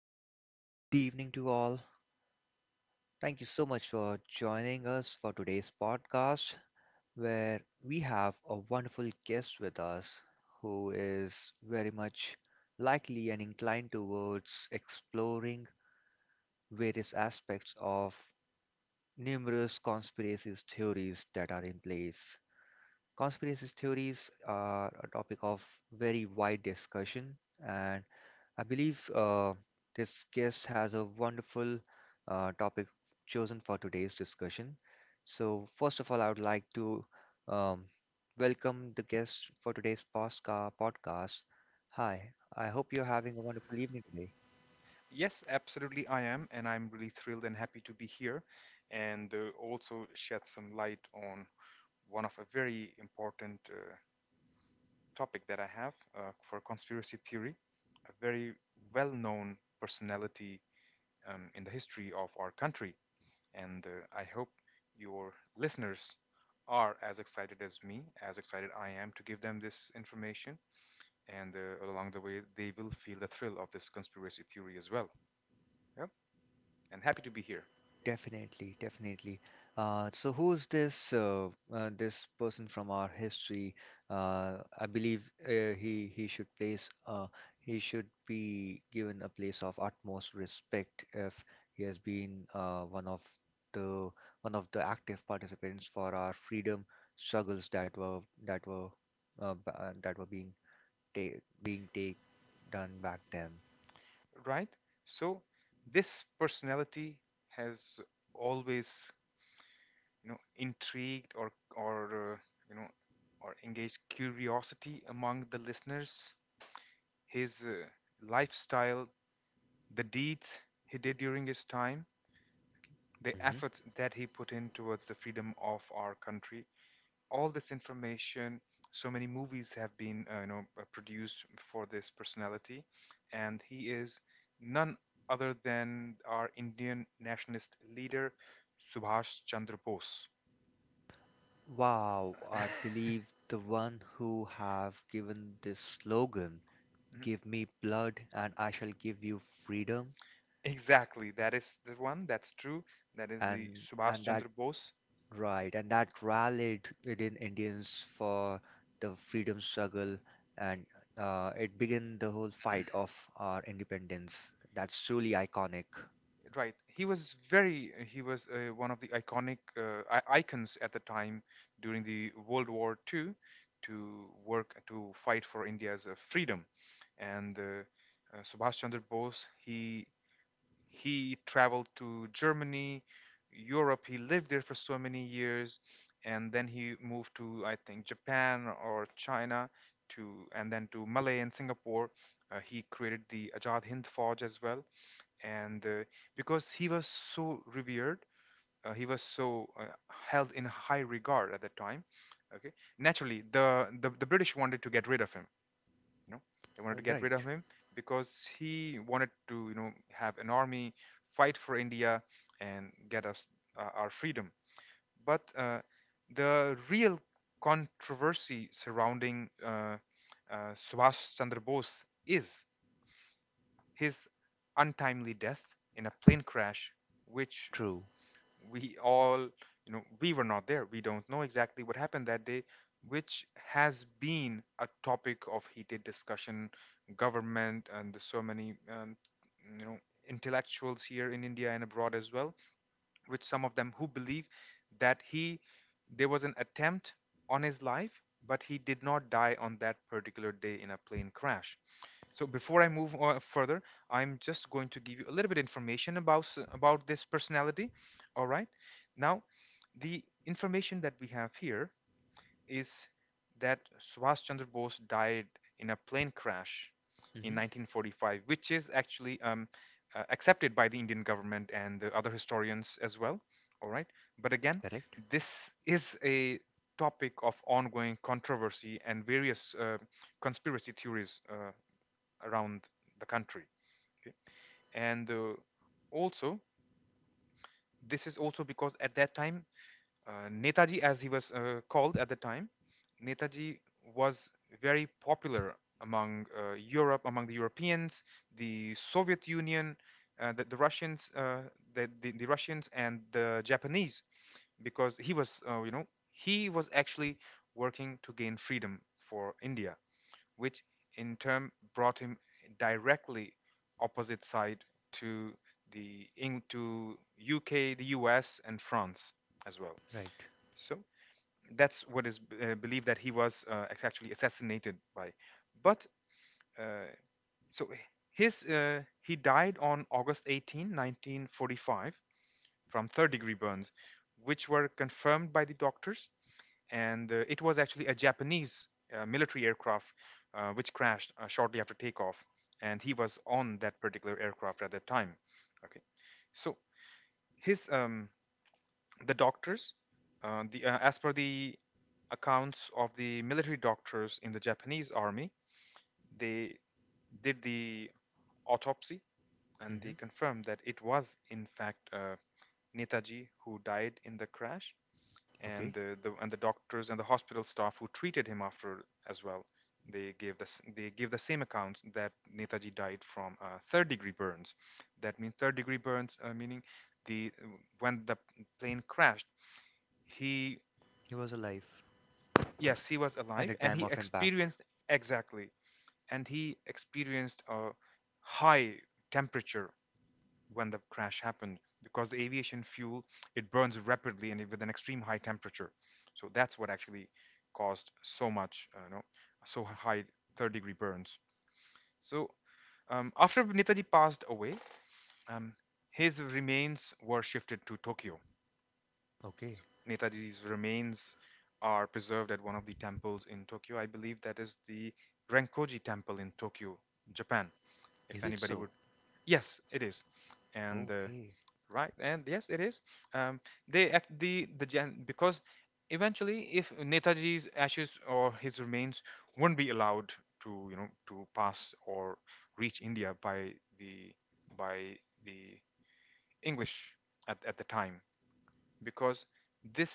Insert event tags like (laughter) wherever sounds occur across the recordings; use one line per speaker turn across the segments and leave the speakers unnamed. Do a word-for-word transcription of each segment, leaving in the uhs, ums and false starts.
A very good evening to all. Thank you so much for joining us for today's podcast, where we have a wonderful guest with us who is very much likely and inclined towards exploring various aspects of numerous conspiracy theories that are in place. Conspiracy theories are a topic of very wide discussion, and I believe uh, this guest has a wonderful uh, topic chosen for today's discussion. So, first of all, I would like to um, welcome the guest for today's posca- podcast. Hi, I hope you're having a wonderful evening today.
Yes, absolutely, I am, and I'm really thrilled and happy to be here and uh, also shed some light on one of a very important uh, topic that I have uh, for conspiracy theory, a very well-known personality um, in the history of our country. And uh, I hope your listeners are as excited as me, as excited I am to give them this information. And uh, along the way, they will feel the thrill of this conspiracy theory as well. Yep, and happy to be here.
Definitely, definitely. Uh, so who's this uh, uh, this person from our history? Uh, I believe uh, he he should place uh, he should be given a place of utmost respect if he has been uh, one of the one of the active participants for our freedom struggles that were that were uh, ba- uh, that were being ta being take done back then.
Right? So this personality has always, you know, intrigued or or uh, you know or engaged curiosity among the listeners. His uh, lifestyle, the deeds he did during his time, the efforts that he put in towards the freedom of our country, all this information, so many movies have been uh, you know uh, produced for this personality, and he is none other than our Indian nationalist leader Subhash Chandra Bose.
Wow,
(laughs) Mhm.
I believe the one who have given this slogan, "Give me blood and I shall give you freedom,"
Exactly, that is the one, that's true, that is the
and
Subhash
and that,
Chandra Bose.
right, and that rallied within Indians for the freedom struggle, and uh, it began the whole fight of our independence. That's truly iconic.
Right. He was very. He was uh, one of the iconic uh, I- icons at the time during the World War two to work to fight for India's uh, freedom. And uh, uh, Subhash Chandra Bose, he he traveled to Germany, Europe. He lived there for so many years, and then he moved to I think Japan or China to, and then to Malay and Singapore. Uh, he created the Ajad Hind Forge as well, and uh, because he was so revered, uh, he was so uh, held in high regard at that time. Okay, naturally the, the the British wanted to get rid of him, you know, they wanted to get
Right.
rid of him because he wanted to, you know, have an army, fight for India and get us uh, our freedom. But uh, the real controversy surrounding uh, uh, Subhash Chandra Bose is his untimely death in a plane crash, which
True.
we all, you know, we were not there. We don't know exactly what happened that day, which has been a topic of heated discussion, government, and there's so many, um, you know, intellectuals here in India and abroad as well, which some of them who believe that he, there was an attempt on his life, but he did not die on that particular day in a plane crash. So before I move on further, I'm just going to give you a little bit information about s- about this personality. All right. Now, the information that we have here is that Subhash Chandra Bose died in a plane crash in
Hmm.
nineteen forty-five, which is actually um, uh, accepted by the Indian government and the other historians as well. All right. But again,
Correct.
this is a topic of ongoing controversy and various uh, conspiracy theories. Uh, around the country. Okay? And uh, also, this is also because at that time, uh, Netaji, as he was uh, called at the time, Netaji was very popular among uh, Europe, among the Europeans, the Soviet Union, uh, the, the Russians, uh, the, the, the Russians and the Japanese, because he was, uh, you know, he was actually working to gain freedom for India, which in turn brought him directly opposite side to the Eng- to U K, the U S, and France as well.
Right.
So that's what is uh, believed that he was uh, actually assassinated by. But uh, so his uh, he died on August eighteenth, nineteen forty-five, from third degree burns, which were confirmed by the doctors, and uh, it was actually a Japanese uh, military aircraft uh, which crashed uh, shortly after takeoff, and he was on that particular aircraft at that time. Okay, so his um, the doctors, uh, the uh, as per the accounts of the military doctors in the Japanese army, they did the autopsy and
Hmm.
they confirmed that it was in fact uh, Netaji who died in the crash, and
Okay.
the, the and the doctors and the hospital staff who treated him after as well, they gave the they give the same accounts that Netaji died from uh, third degree burns. That means third degree burns uh, meaning the uh, when the plane crashed, he
He was alive.
yes he was
At the
alive and
time
he
of impact.
experienced exactly, and he experienced a high temperature when the crash happened because the aviation fuel, it burns rapidly and with an extreme high temperature. So that's what actually caused so much uh, you know, so high third degree burns. So um, after Netaji passed away, um, his remains were shifted to Tokyo.
Okay.
So Netaji's remains are preserved at one of the temples in Tokyo, I believe that is the Renkoji Temple in Tokyo, Japan,
Is
if
it
anybody
so?
would. Yes, it is, and uh,
Okay,
right, and yes, it is. Um, they act the the gen because eventually, if Netaji's ashes or his remains wouldn't be allowed to, you know, to pass or reach India by the by the English at at the time, because this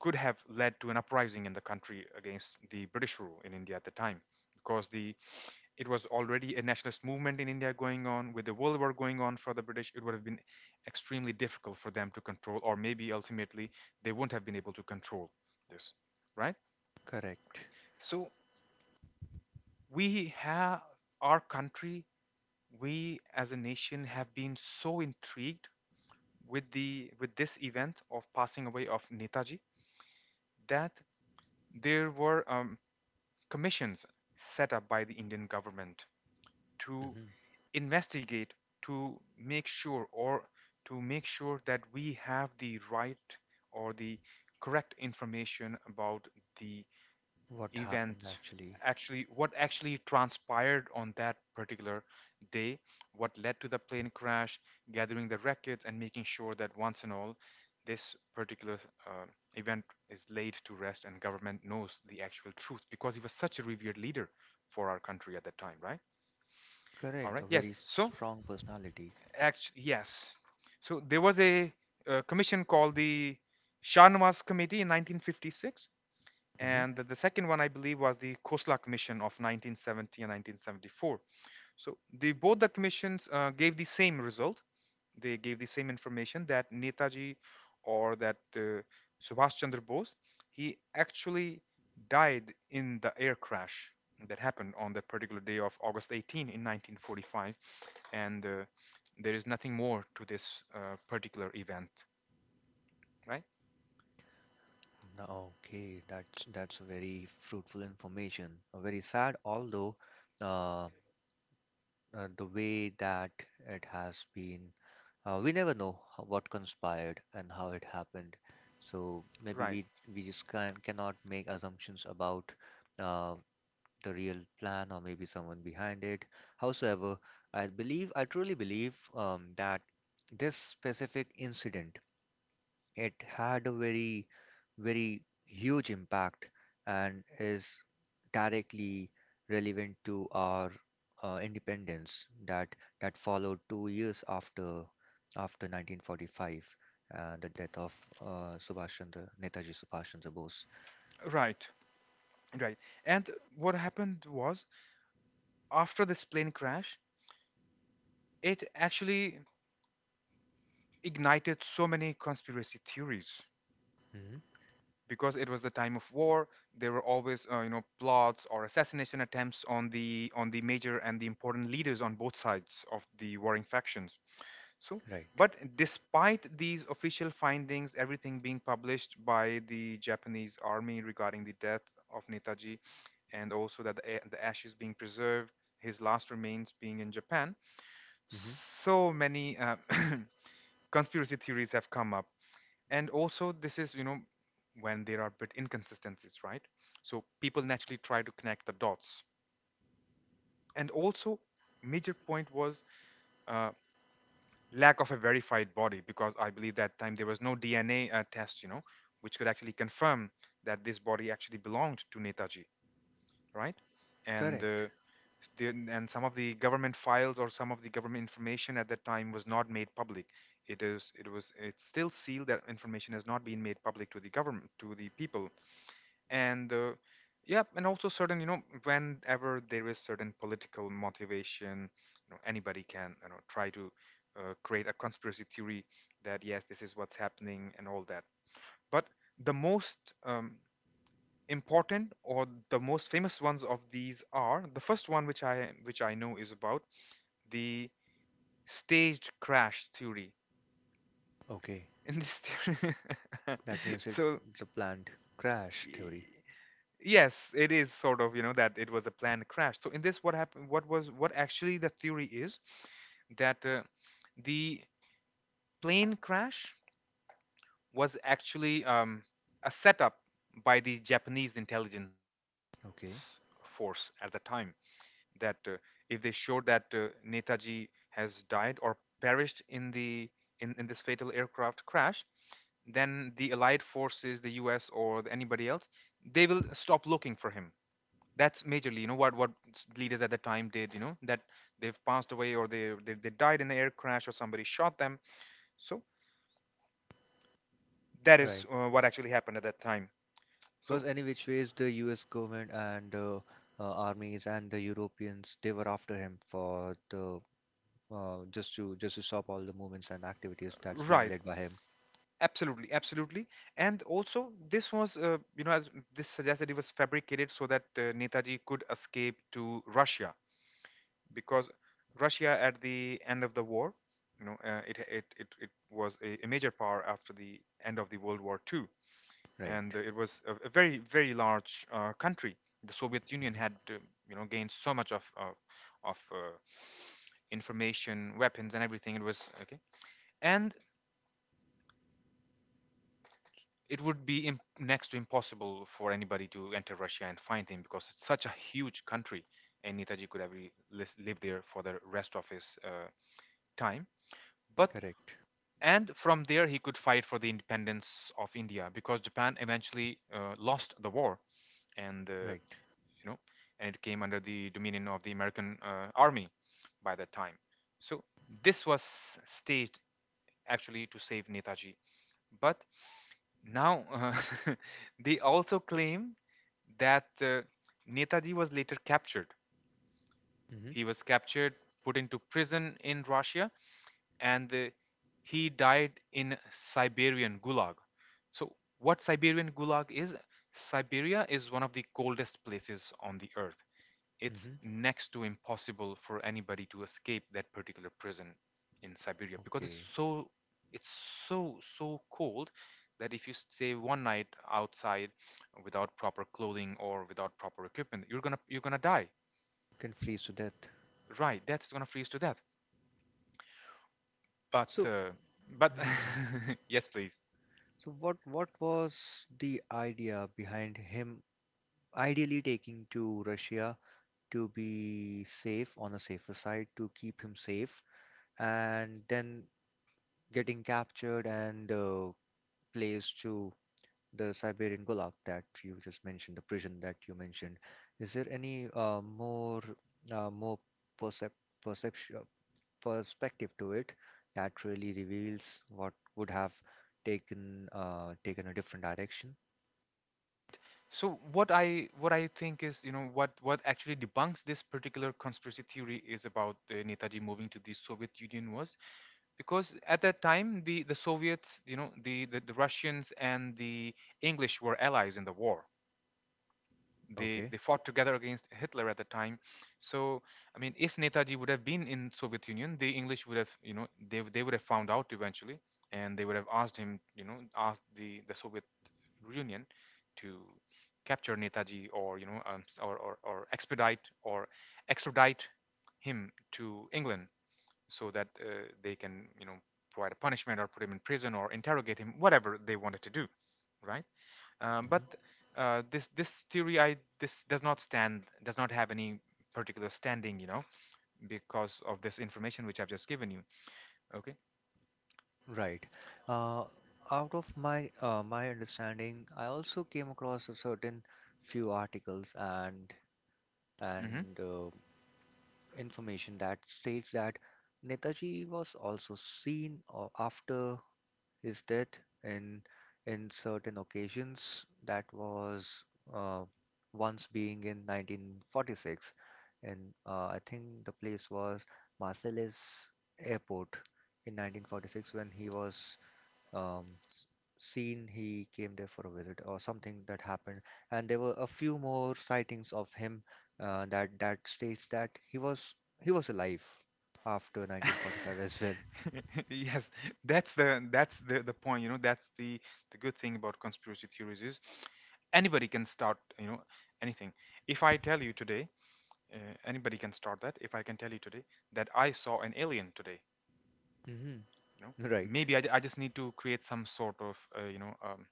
could have led to an uprising in the country against the British rule in India at the time, because the it was already a nationalist movement in India going on, with the World War going on for the British, it would have been extremely difficult for them to control, or maybe ultimately they wouldn't have been able to control this, right?
correct.
Okay. So we have our country, we as a nation have been so intrigued with the with this event of passing away of Netaji, that there were um, commissions set up by the Indian government to
Hmm.
investigate to make sure or to make sure that we have the right or the correct information about the
What
event,
happened actually?
actually what actually transpired on that particular day, what led to the plane crash, gathering the records and making sure that once and all this particular uh, event is laid to rest, and government knows the actual truth because he was such a revered leader for our country at that time, right? All
Correct, a
right,
very
yes, so
strong personality.
actually, yes. So there was a, uh commission called the Shahnawaz Committee in nineteen fifty-six,
Hmm.
and the, the second one, I believe, was the Khosla Commission of nineteen seventy and nineteen seventy-four. So the both the commissions uh, gave the same result. They gave the same information that Netaji or that uh, Subhash Chandra Bose, he actually died in the air crash that happened on that particular day of August eighteenth in nineteen forty-five, and uh, there is nothing more to this uh, particular event, right?
No. Okay, that's that's very fruitful information. Uh, Very sad, although uh, uh, the way that it has been, uh, we never know how, what conspired and how it happened. So maybe
Right,
we we just can cannot make assumptions about uh, the real plan or maybe someone behind it. Howsoever, I believe, I truly believe um, that this specific incident, it had a very, very huge impact and is directly relevant to our uh, independence that that followed two years after after nineteen forty-five, uh, the death of uh, Subhash Chandra Netaji Subhash Chandra Bose.
right, right. And what happened was after this plane crash, it actually ignited so many conspiracy theories
Hmm.
because it was the time of war, there were always uh, you know, plots or assassination attempts on the on the major and the important leaders on both sides of the warring factions, so
Right.
but despite these official findings, everything being published by the Japanese army regarding the death of Netaji and also that the, a- the ashes being preserved, his last remains being in Japan,
Hmm.
so many uh, (clears throat) conspiracy theories have come up. And also this is, you know, when there are bit inconsistencies, right, so people naturally try to connect the dots. And also major point was uh, lack of a verified body because I believe that time there was no DNA uh, test, you know, which could actually confirm that this body actually belonged to Netaji, right? And
Correct.
uh, the, and some of the government files or some of the government information at that time was not made public, it is it was it's still sealed, that information has not been made public to the government, to the people. And uh, yeah, and also certain, you know, whenever there is certain political motivation, you know, anybody can, you know, try to uh, create a conspiracy theory that yes, this is what's happening and all that. But the most um, important or the most famous ones of these are the first one, which I which i know, is about the staged crash theory.
Okay.
(laughs) In this theory, (laughs)
That means it
so
the planned crash
e,
theory.
yes, it is sort of, you know, that it was a planned crash. So in this, what happened, what was, what actually the theory is that uh, the plane crash was actually um, a setup by the Japanese intelligence force
Okay,
at the time. That uh, if they showed that uh, Netaji has died or perished in the in, in this fatal aircraft crash, then the Allied forces, the U S or the- anybody else, they will stop looking for him. That's majorly you know what what s- leaders at the time did, you know that they've passed away or they they, they died in an air crash or somebody shot them. So that is
right.
uh, what actually happened at that time. So
Because any which ways the U S government and uh, uh, armies and the Europeans, they were after him for the uh, just to just to stop all the movements and activities that's being
right,
led by him.
absolutely, absolutely. And also this was uh, you know as this suggests that it was fabricated so that uh, Netaji could escape to Russia, because Russia at the end of the war, you know uh, it, it it it was a, a major power after the end of the World War Two.
Right.
And uh, it was a, a very very large uh, country. The Soviet Union had
Hmm.
uh, you know gained so much of of, of uh, information, weapons, and everything. It was okay, and it would be imp- next to impossible for anybody to enter Russia and find him because it's such a huge country, and Netaji could have re- lis- live there for the rest of his uh, time. But
Correct.
and from there he could fight for the independence of India because Japan eventually uh, lost the war and uh,
Right.
you know, and it came under the dominion of the American uh, army by that time. So this was staged actually to save Netaji. But now uh, (laughs) they also claim that uh, Netaji was later captured.
Mm-hmm.
He was captured, put into prison in Russia, and uh, he died in Siberian Gulag. So, what Siberian Gulag is? Siberia is one of the coldest places on the earth. It's
Mm-hmm.
next to impossible for anybody to escape that particular prison in Siberia because it's
Okay.
so, it's so so cold that if you stay one night outside without proper clothing or without proper equipment, you're gonna you're gonna die.
Can freeze to death.
Right, that's gonna freeze to death. But
So.
uh, but
Mhm.
(laughs) yes, please.
So what what was the idea behind him ideally taking to Russia, to be safe, on a safer side, to keep him safe, and then getting captured and uh, placed to the Siberian Gulag that you just mentioned, the prison that you mentioned. Is there any uh, more uh, more percep perception uh, perspective to it that really reveals what would have taken uh, taken a different direction?
So what i what I think is, you know what what actually debunks this particular conspiracy theory is about uh, Netaji moving to the Soviet Union was because at that time the the Soviets, you know the, the the Russians and the English were allies in the war. they
Okay.
they fought together against Hitler at the time. So I mean, if Netaji would have been in Soviet Union, the English would have, you know they, they would have found out eventually, and they would have asked him, you know asked the the Soviet Union to capture Netaji, or you know um, s- or, or or expedite or extradite him to England, so that uh, they can, you know, provide a punishment or put him in prison or interrogate him, whatever they wanted to do, right? Um, but uh, this this theory, I this does not stand, does not have any particular standing, you know, because of this information which I've just given you. Okay.
Right. Uh, out of my uh, my understanding, I also came across a certain few articles and
Hmm.
and uh, information that states that Netaji was also seen or after his death in in certain occasions, that was uh, once being in nineteen forty-six, and uh, I think the place was Marseilles Airport in nineteen forty-six, when he was um, seen. He came there for a visit or something that happened, and there were a few more sightings of him, uh, that that states that he was he was alive after nineteen forty-five as well.
(laughs) Yes, that's the, that's the the point. You know, that's the the good thing about conspiracy theories is anybody can start. You know, anything. If I tell you today uh, anybody can start that, if i can tell you today that I saw an alien today,
Hmm.
you know,
(laughs) right.
maybe i, I just need to create some sort of uh, you know um,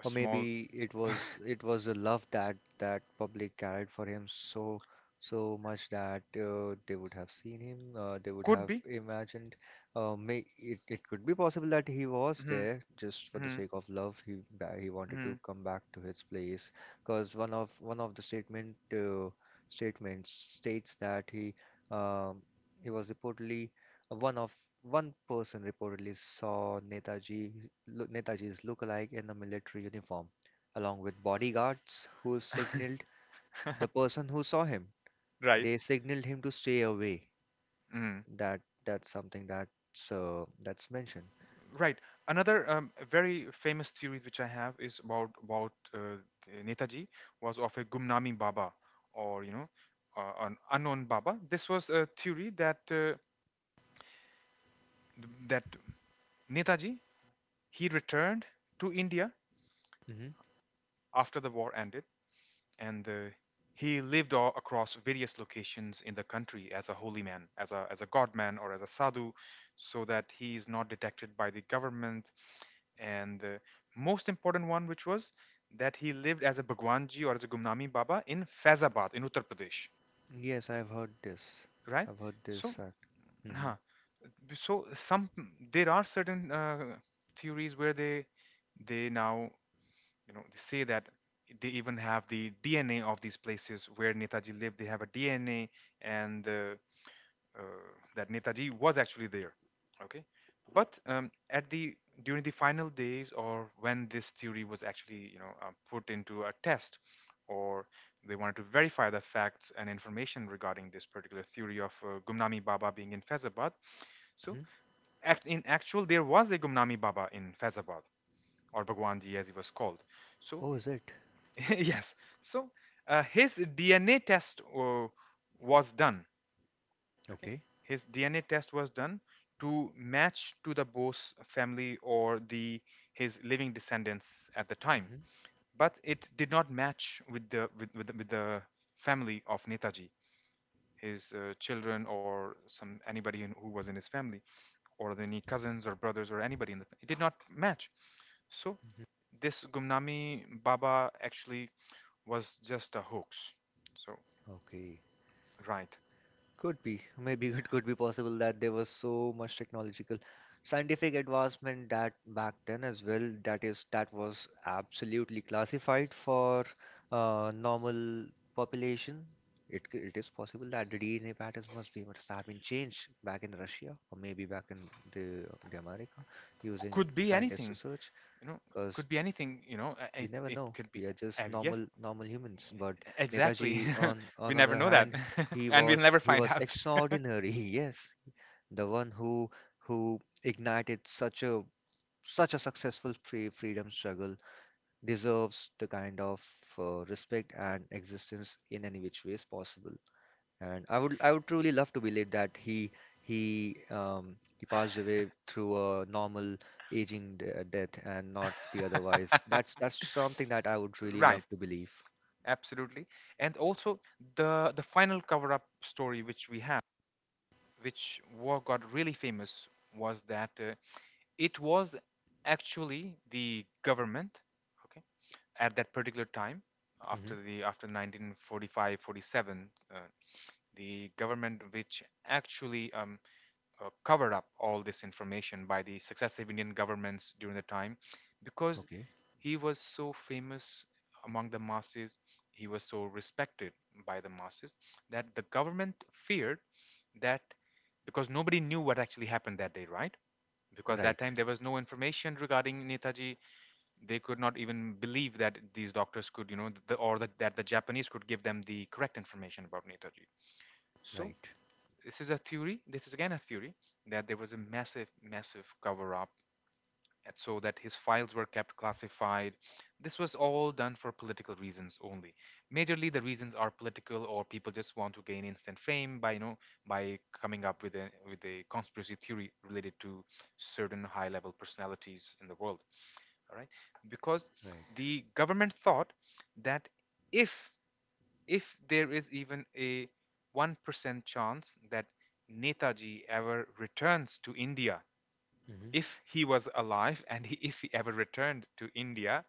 a
Or maybe
small
it was it
(laughs)
was a love that that public carried for him, so so much that uh, they would have seen him, uh, they would
could
have
be.
imagined. Uh, may it, it could be possible that he was
Mhm,
there just for the
mhm,
sake of love, he ba- he wanted
mhm.
to come back to his place. Because one of one of the statement uh, statements states that he um, he was reportedly, one of one person reportedly saw Netaji, lo- Netaji's lookalike in a military uniform, along with bodyguards who signaled the
(laughs)
person who saw him.
right.
They signaled him to stay away.
Mm.
That that's something that's uh, that's mentioned.
Right, another um, very famous theory which I have is about about uh, the Netaji was of a Gumnami Baba, or you know, uh, an unknown baba. This was a theory that uh, that Netaji, he returned to India
Hmm.
after the war ended, and uh, he lived all across various locations in the country as a holy man, as a as a god man, or as a sadhu, so that he is not detected by the government. And the most important one, which was that he lived as a Bhagwanji or as a Gumnami Baba in Faizabad in Uttar Pradesh,
Yes, I've heard this.
right?
I've heard
So,
this. Uh, mm-hmm.
huh. So some, there are certain uh, theories where they they now, you know they say that they even have the DNA of these places where Netaji lived, they have a DNA, and uh, uh, that Netaji was actually there. Okay. But um, at the during the final days, or when this theory was actually, you know uh, put into a test, or they wanted to verify the facts and information regarding this particular theory of uh, Gumnami Baba being in Fezabad. So act, in actual there was a Gumnami Baba in Fezabad, or Bhagwanji as he was called. So
Oh, is it?
(laughs) yes. So uh, his D N A test uh, was done.
Okay.
His D N A test was done to match to the Bose family or the his living descendants at the time,
Hmm.
but it did not match with the with, with, the, with the family of Netaji, his uh, children or some anybody in, who was in his family, or any cousins or brothers or anybody in the, it did not match. So this Gumnami Baba actually was just a hoax. So
Okay.
right.
Could be. Maybe it could be possible that there was so much technological scientific advancement that back then as well, that is that was absolutely classified for uh, normal population. It, c- it is possible that the D N A patterns must be must have been changed back in Russia, or maybe back in the, the America, using
Could be
scientist
anything,
research,
you know,
because
could be anything, you know, uh,
we
it,
never
it
know.
could be,
We are just
uh, yeah,
normal normal humans. But
exactly.
Netaji, on
(laughs) We
on
never
other
know that,
hand,
(laughs)
he
and we'll
was
never
he
find
was
out.
extraordinary. (laughs) Yes, the one who who ignited such a such a successful free freedom struggle deserves the kind of uh, respect and existence in any which ways possible. And I would I would truly love to believe that he he um he passed away through a normal aging de death, and not the otherwise. That's
(laughs)
that's something that I would really
Right,
love to believe.
absolutely. And also the the final cover up story which we have, which war got really famous, was that uh, it was actually the government, okay, at that particular time,
Hmm.
after the after nineteen forty-five forty-seven uh, the government which actually um, uh, covered up all this information by the successive Indian governments during the time, because
Okay.
he was so famous among the masses, he was so respected by the masses, that the government feared that, because nobody knew what actually happened that day, right? Because that
Right.
time there was no information regarding Netaji, they could not even believe that these doctors could, you know, the, or that that the Japanese could give them the correct information about Netaji. So
Right.
this is a theory, this is again a theory, that there was a massive massive cover up, and so that his files were kept classified. This was all done for political reasons only. Majorly the reasons are political, or people just want to gain instant fame by, you know, by coming up with a with a conspiracy theory related to certain high level personalities in the world, all right? Because
Right.
the government thought that if if there is even a one percent chance that Netaji ever returns to India,
Hmm.
if he was alive and he, if he ever returned to India,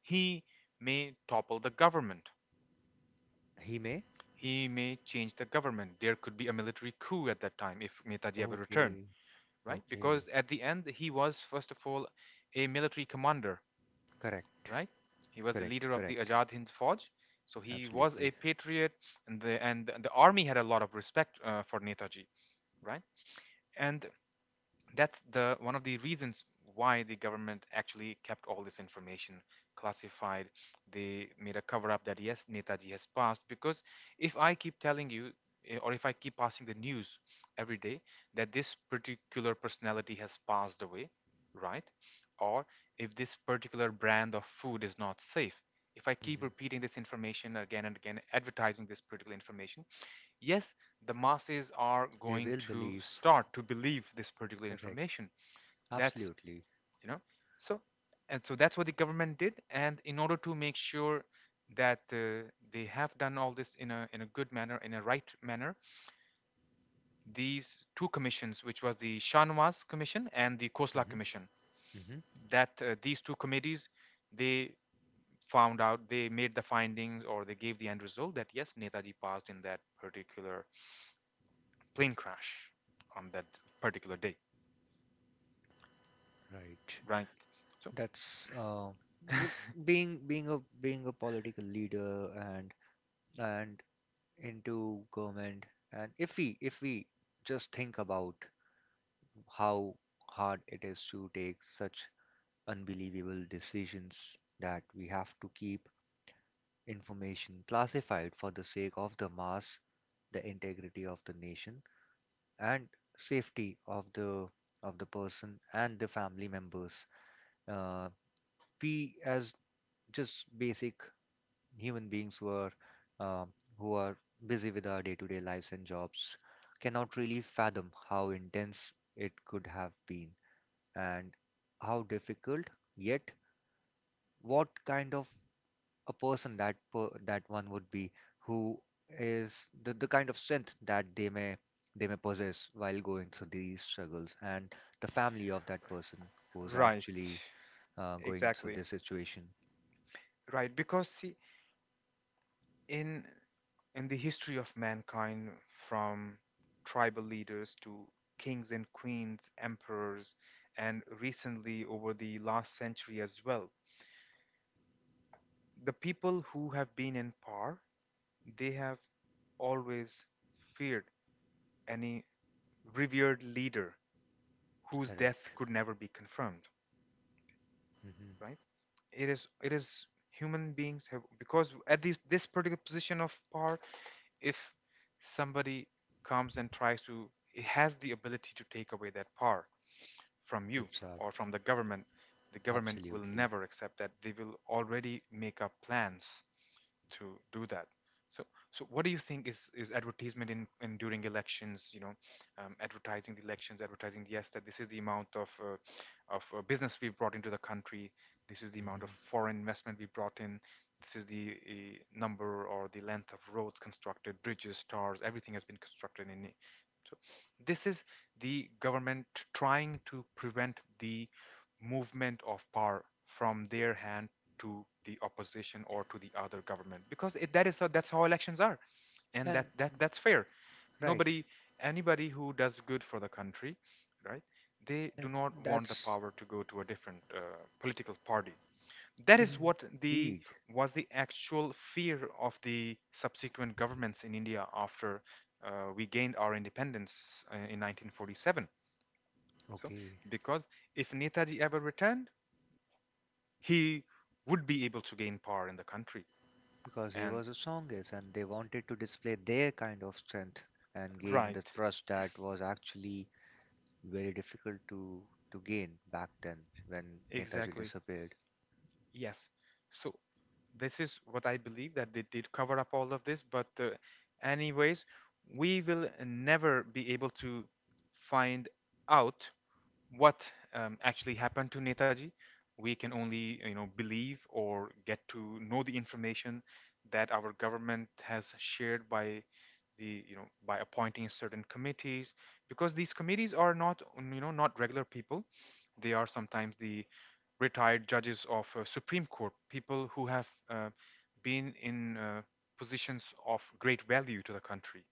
he may topple the government.
He may?
He may change the government. There could be a military coup at that time if Netaji ever returned,
Okay.
right? Because
Okay.
at the end, he was, first of all, a military commander.
Correct.
Right? He was the
Correct.
leader of the
Correct.
Ajad Hind Fauj, so he was a
Absolutely.
patriot, and the and the army had a lot of respect uh, for Netaji, right? And that's the one of the reasons why the government actually kept all this information classified. They made a cover up that yes, Netaji has passed, because if I keep telling you, eh, or if I keep passing the news every day that this particular personality has passed away, right, or if this particular brand of food is not safe, if I keep
Hmm.
repeating this information again and again, advertising this particular information, yes, the masses are
They
going
will
to
believe.
start to believe this particular
Correct.
information. That's,
Absolutely.
you know, so, and so that's what the government did. And in order to make sure that uh, they have done all this in a, in a good manner, in a right manner, these two commissions, which was the Shah Nawaz Commission and the Khosla
Hmm.
Commission,
Hmm.
that uh, these two committees, they found out, they made the findings, or they gave the end result that yes, Netaji passed in that particular plane crash on that particular day,
Right.
right? So,
That's uh, you-
(laughs)
being being a being a political leader and and into government. And if we if we just think about how hard it is to take such unbelievable decisions, that we have to keep information classified for the sake of the mass, the integrity of the nation, and safety of the of the person and the family members. Uh, we as just basic human beings, who are um, who are busy with our day-to-day lives and jobs, cannot really fathom how intense it could have been, and how difficult, yet what kind of a person, that per, that one would be, who is the, the kind of strength that they may they may possess while going through these struggles, and the family of that person who's
right,
actually uh, going through
exactly,
this situation.
right. Because see, in in the history of mankind, from tribal leaders to kings and queens, emperors, and recently over the last century as well, the people who have been in power, they have always feared any revered leader whose
Correct.
death could never be confirmed, right? it is it is human beings have, because at this this particular position of power, if somebody comes and tries to, it has the ability to take away that power from you
Mm-hmm.
or from the government. The government will
Absolutely.
never accept that, they will already make up plans to do that. So, so what do you think is is advertisement in, in during elections? You know, um, advertising the elections, advertising yes, that this is the amount of uh, of uh, business we've brought into the country. This is the amount of
Mhm.
foreign investment we brought in. This is the uh, number or the length of roads constructed, bridges, towers, everything has been constructed in. So, this is the government trying to prevent the movement of power from their hand to the opposition or to the other government, because it, that is how, that's how elections are, and
And
that that that's fair.
right,
Nobody, anybody who does good for the country, right, they
uh,
do not want the
that's
power to go to a different uh, political party. That is what the
indeed
was the actual fear of the subsequent governments in India after uh, we gained our independence uh, in nineteen forty-seven. So
okay,
because if Netaji ever returned, he would be able to gain power in the country.
because he
And
was a songist and they wanted to display their kind of strength and gain
right,
the trust that was actually very difficult to to gain back then when Netaji
exactly,
disappeared.
yes. So this is what I believe, that they did cover up all of this, but uh, anyways, we will never be able to find out what um, actually happened to Netaji. We can only, you know, believe or get to know the information that our government has shared by the, you know, by appointing certain committees, because these committees are not, you know, not regular people. They are sometimes the retired judges of uh, Supreme Court, people who have uh, been in uh, positions of great value to the country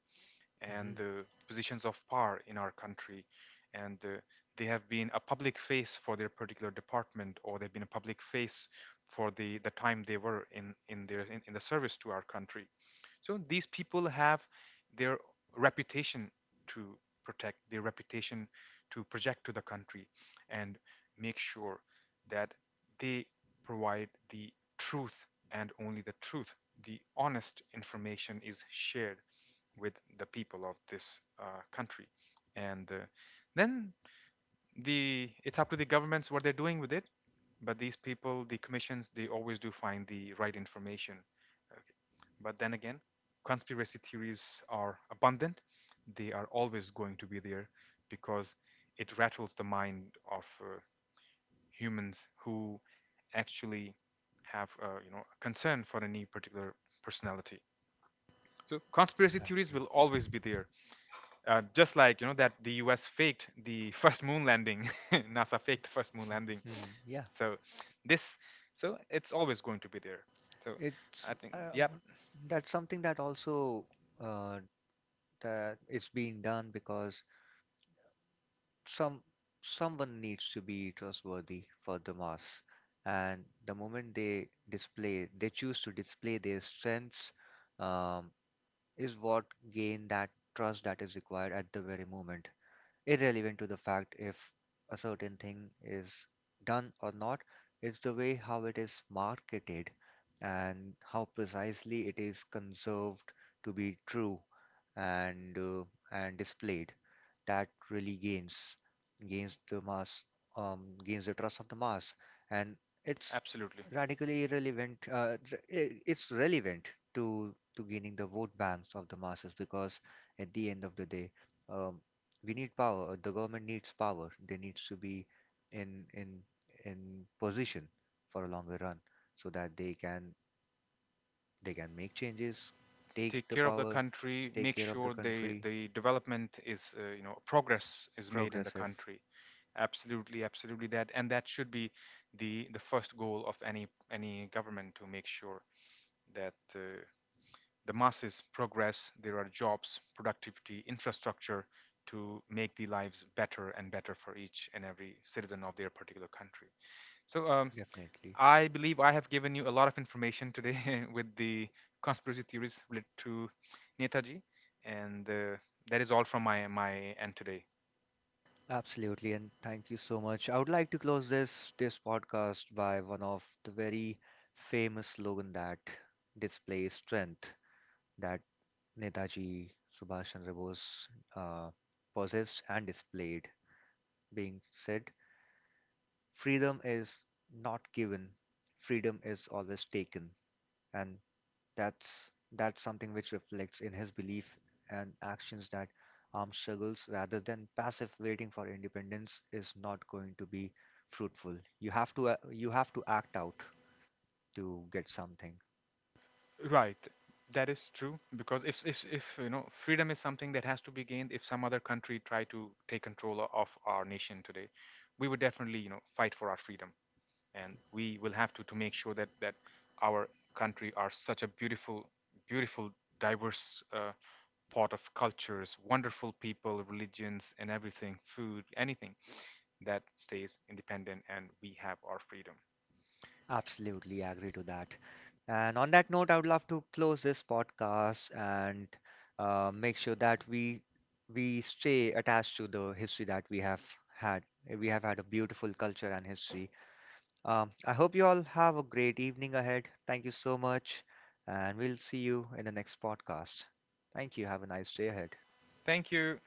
and
Hmm.
uh, positions of power in our country. And uh, they have been a public face for their particular department, or they've been a public face for the, the time they were in, in, their, in, in the service to our country. So these people have their reputation to protect, their reputation to project to the country, and make sure that they provide the truth and only the truth. The honest information is shared with the people of this uh, country. And uh, then the it's up to the governments what they're doing with it. But these people, the commissions, they always do find the right information. Okay. But then again, conspiracy theories are abundant. They are always going to be there because it rattles the mind of uh, humans who actually have uh, you know a concern for any particular personality. So conspiracy theories
Exactly.
will always be there, uh, just like, you know, that the U S faked the (laughs) first moon landing, (laughs) NASA faked the first moon landing.
Mhm. Yeah,
So this, so it's always going to be there. So
it's
I think,
uh,
yep,
what- that's something that also, uh, that it's being done because some someone needs to be trustworthy for the mass, and the moment they display they choose to display their strengths, um, is what gain that trust that is required at the very moment, irrelevant to the fact if a certain thing is done or not. It's the way how it is marketed and how precisely it is conserved to be true and uh, and displayed that really gains gains the mass, um, gains the trust of the mass, and it's
absolutely.
radically irrelevant uh, r- I- it's relevant to to gaining the vote banks of the masses, because at the end of the day, um, we need power. The government needs power. They needs to be in in in position for a longer run, so that they can they can make changes, take
Take
the
care of the
power,
country.
take
Make
care of the
sure the
country.
the development is, uh, you know progress is made in the
Progressive,
country. Absolutely, absolutely, that, and that should be the the first goal of any any government to make sure that. Uh, The masses progress, there are jobs, productivity, infrastructure to make the lives better and better for each and every citizen of their particular country. So um,
definitely,
I believe I have given you a lot of information today (laughs) with the conspiracy theories related to Netaji, and uh, that is all from my my end today.
absolutely. And thank you so much. I would like to close this this podcast by one of the very famous slogan that displays strength that Netaji Subhash Chandra Bose uh, possessed and displayed, being said, freedom is not given, freedom is always taken. And that's that's something which reflects in his belief and actions, that armed struggles rather than passive waiting for independence is not going to be fruitful. You have to uh, you have to act out to get something.
Right. That is true because if, if if you know, freedom is something that has to be gained. If some other country try to take control of our nation today, we would definitely, you know, fight for our freedom, and we will have to to make sure that that our country are such a beautiful beautiful diverse uh, pot of cultures, wonderful people, religions, and everything, food, anything, that stays independent and we have our freedom.
Absolutely agree to that. And on that note, I would love to close this podcast, and uh, make sure that we we stay attached to the history that we have had. We have had a beautiful culture and history. Um, I hope you all have a great evening ahead. Thank you so much, and we'll see you in the next podcast. Thank you. Have a nice day ahead.
Thank you.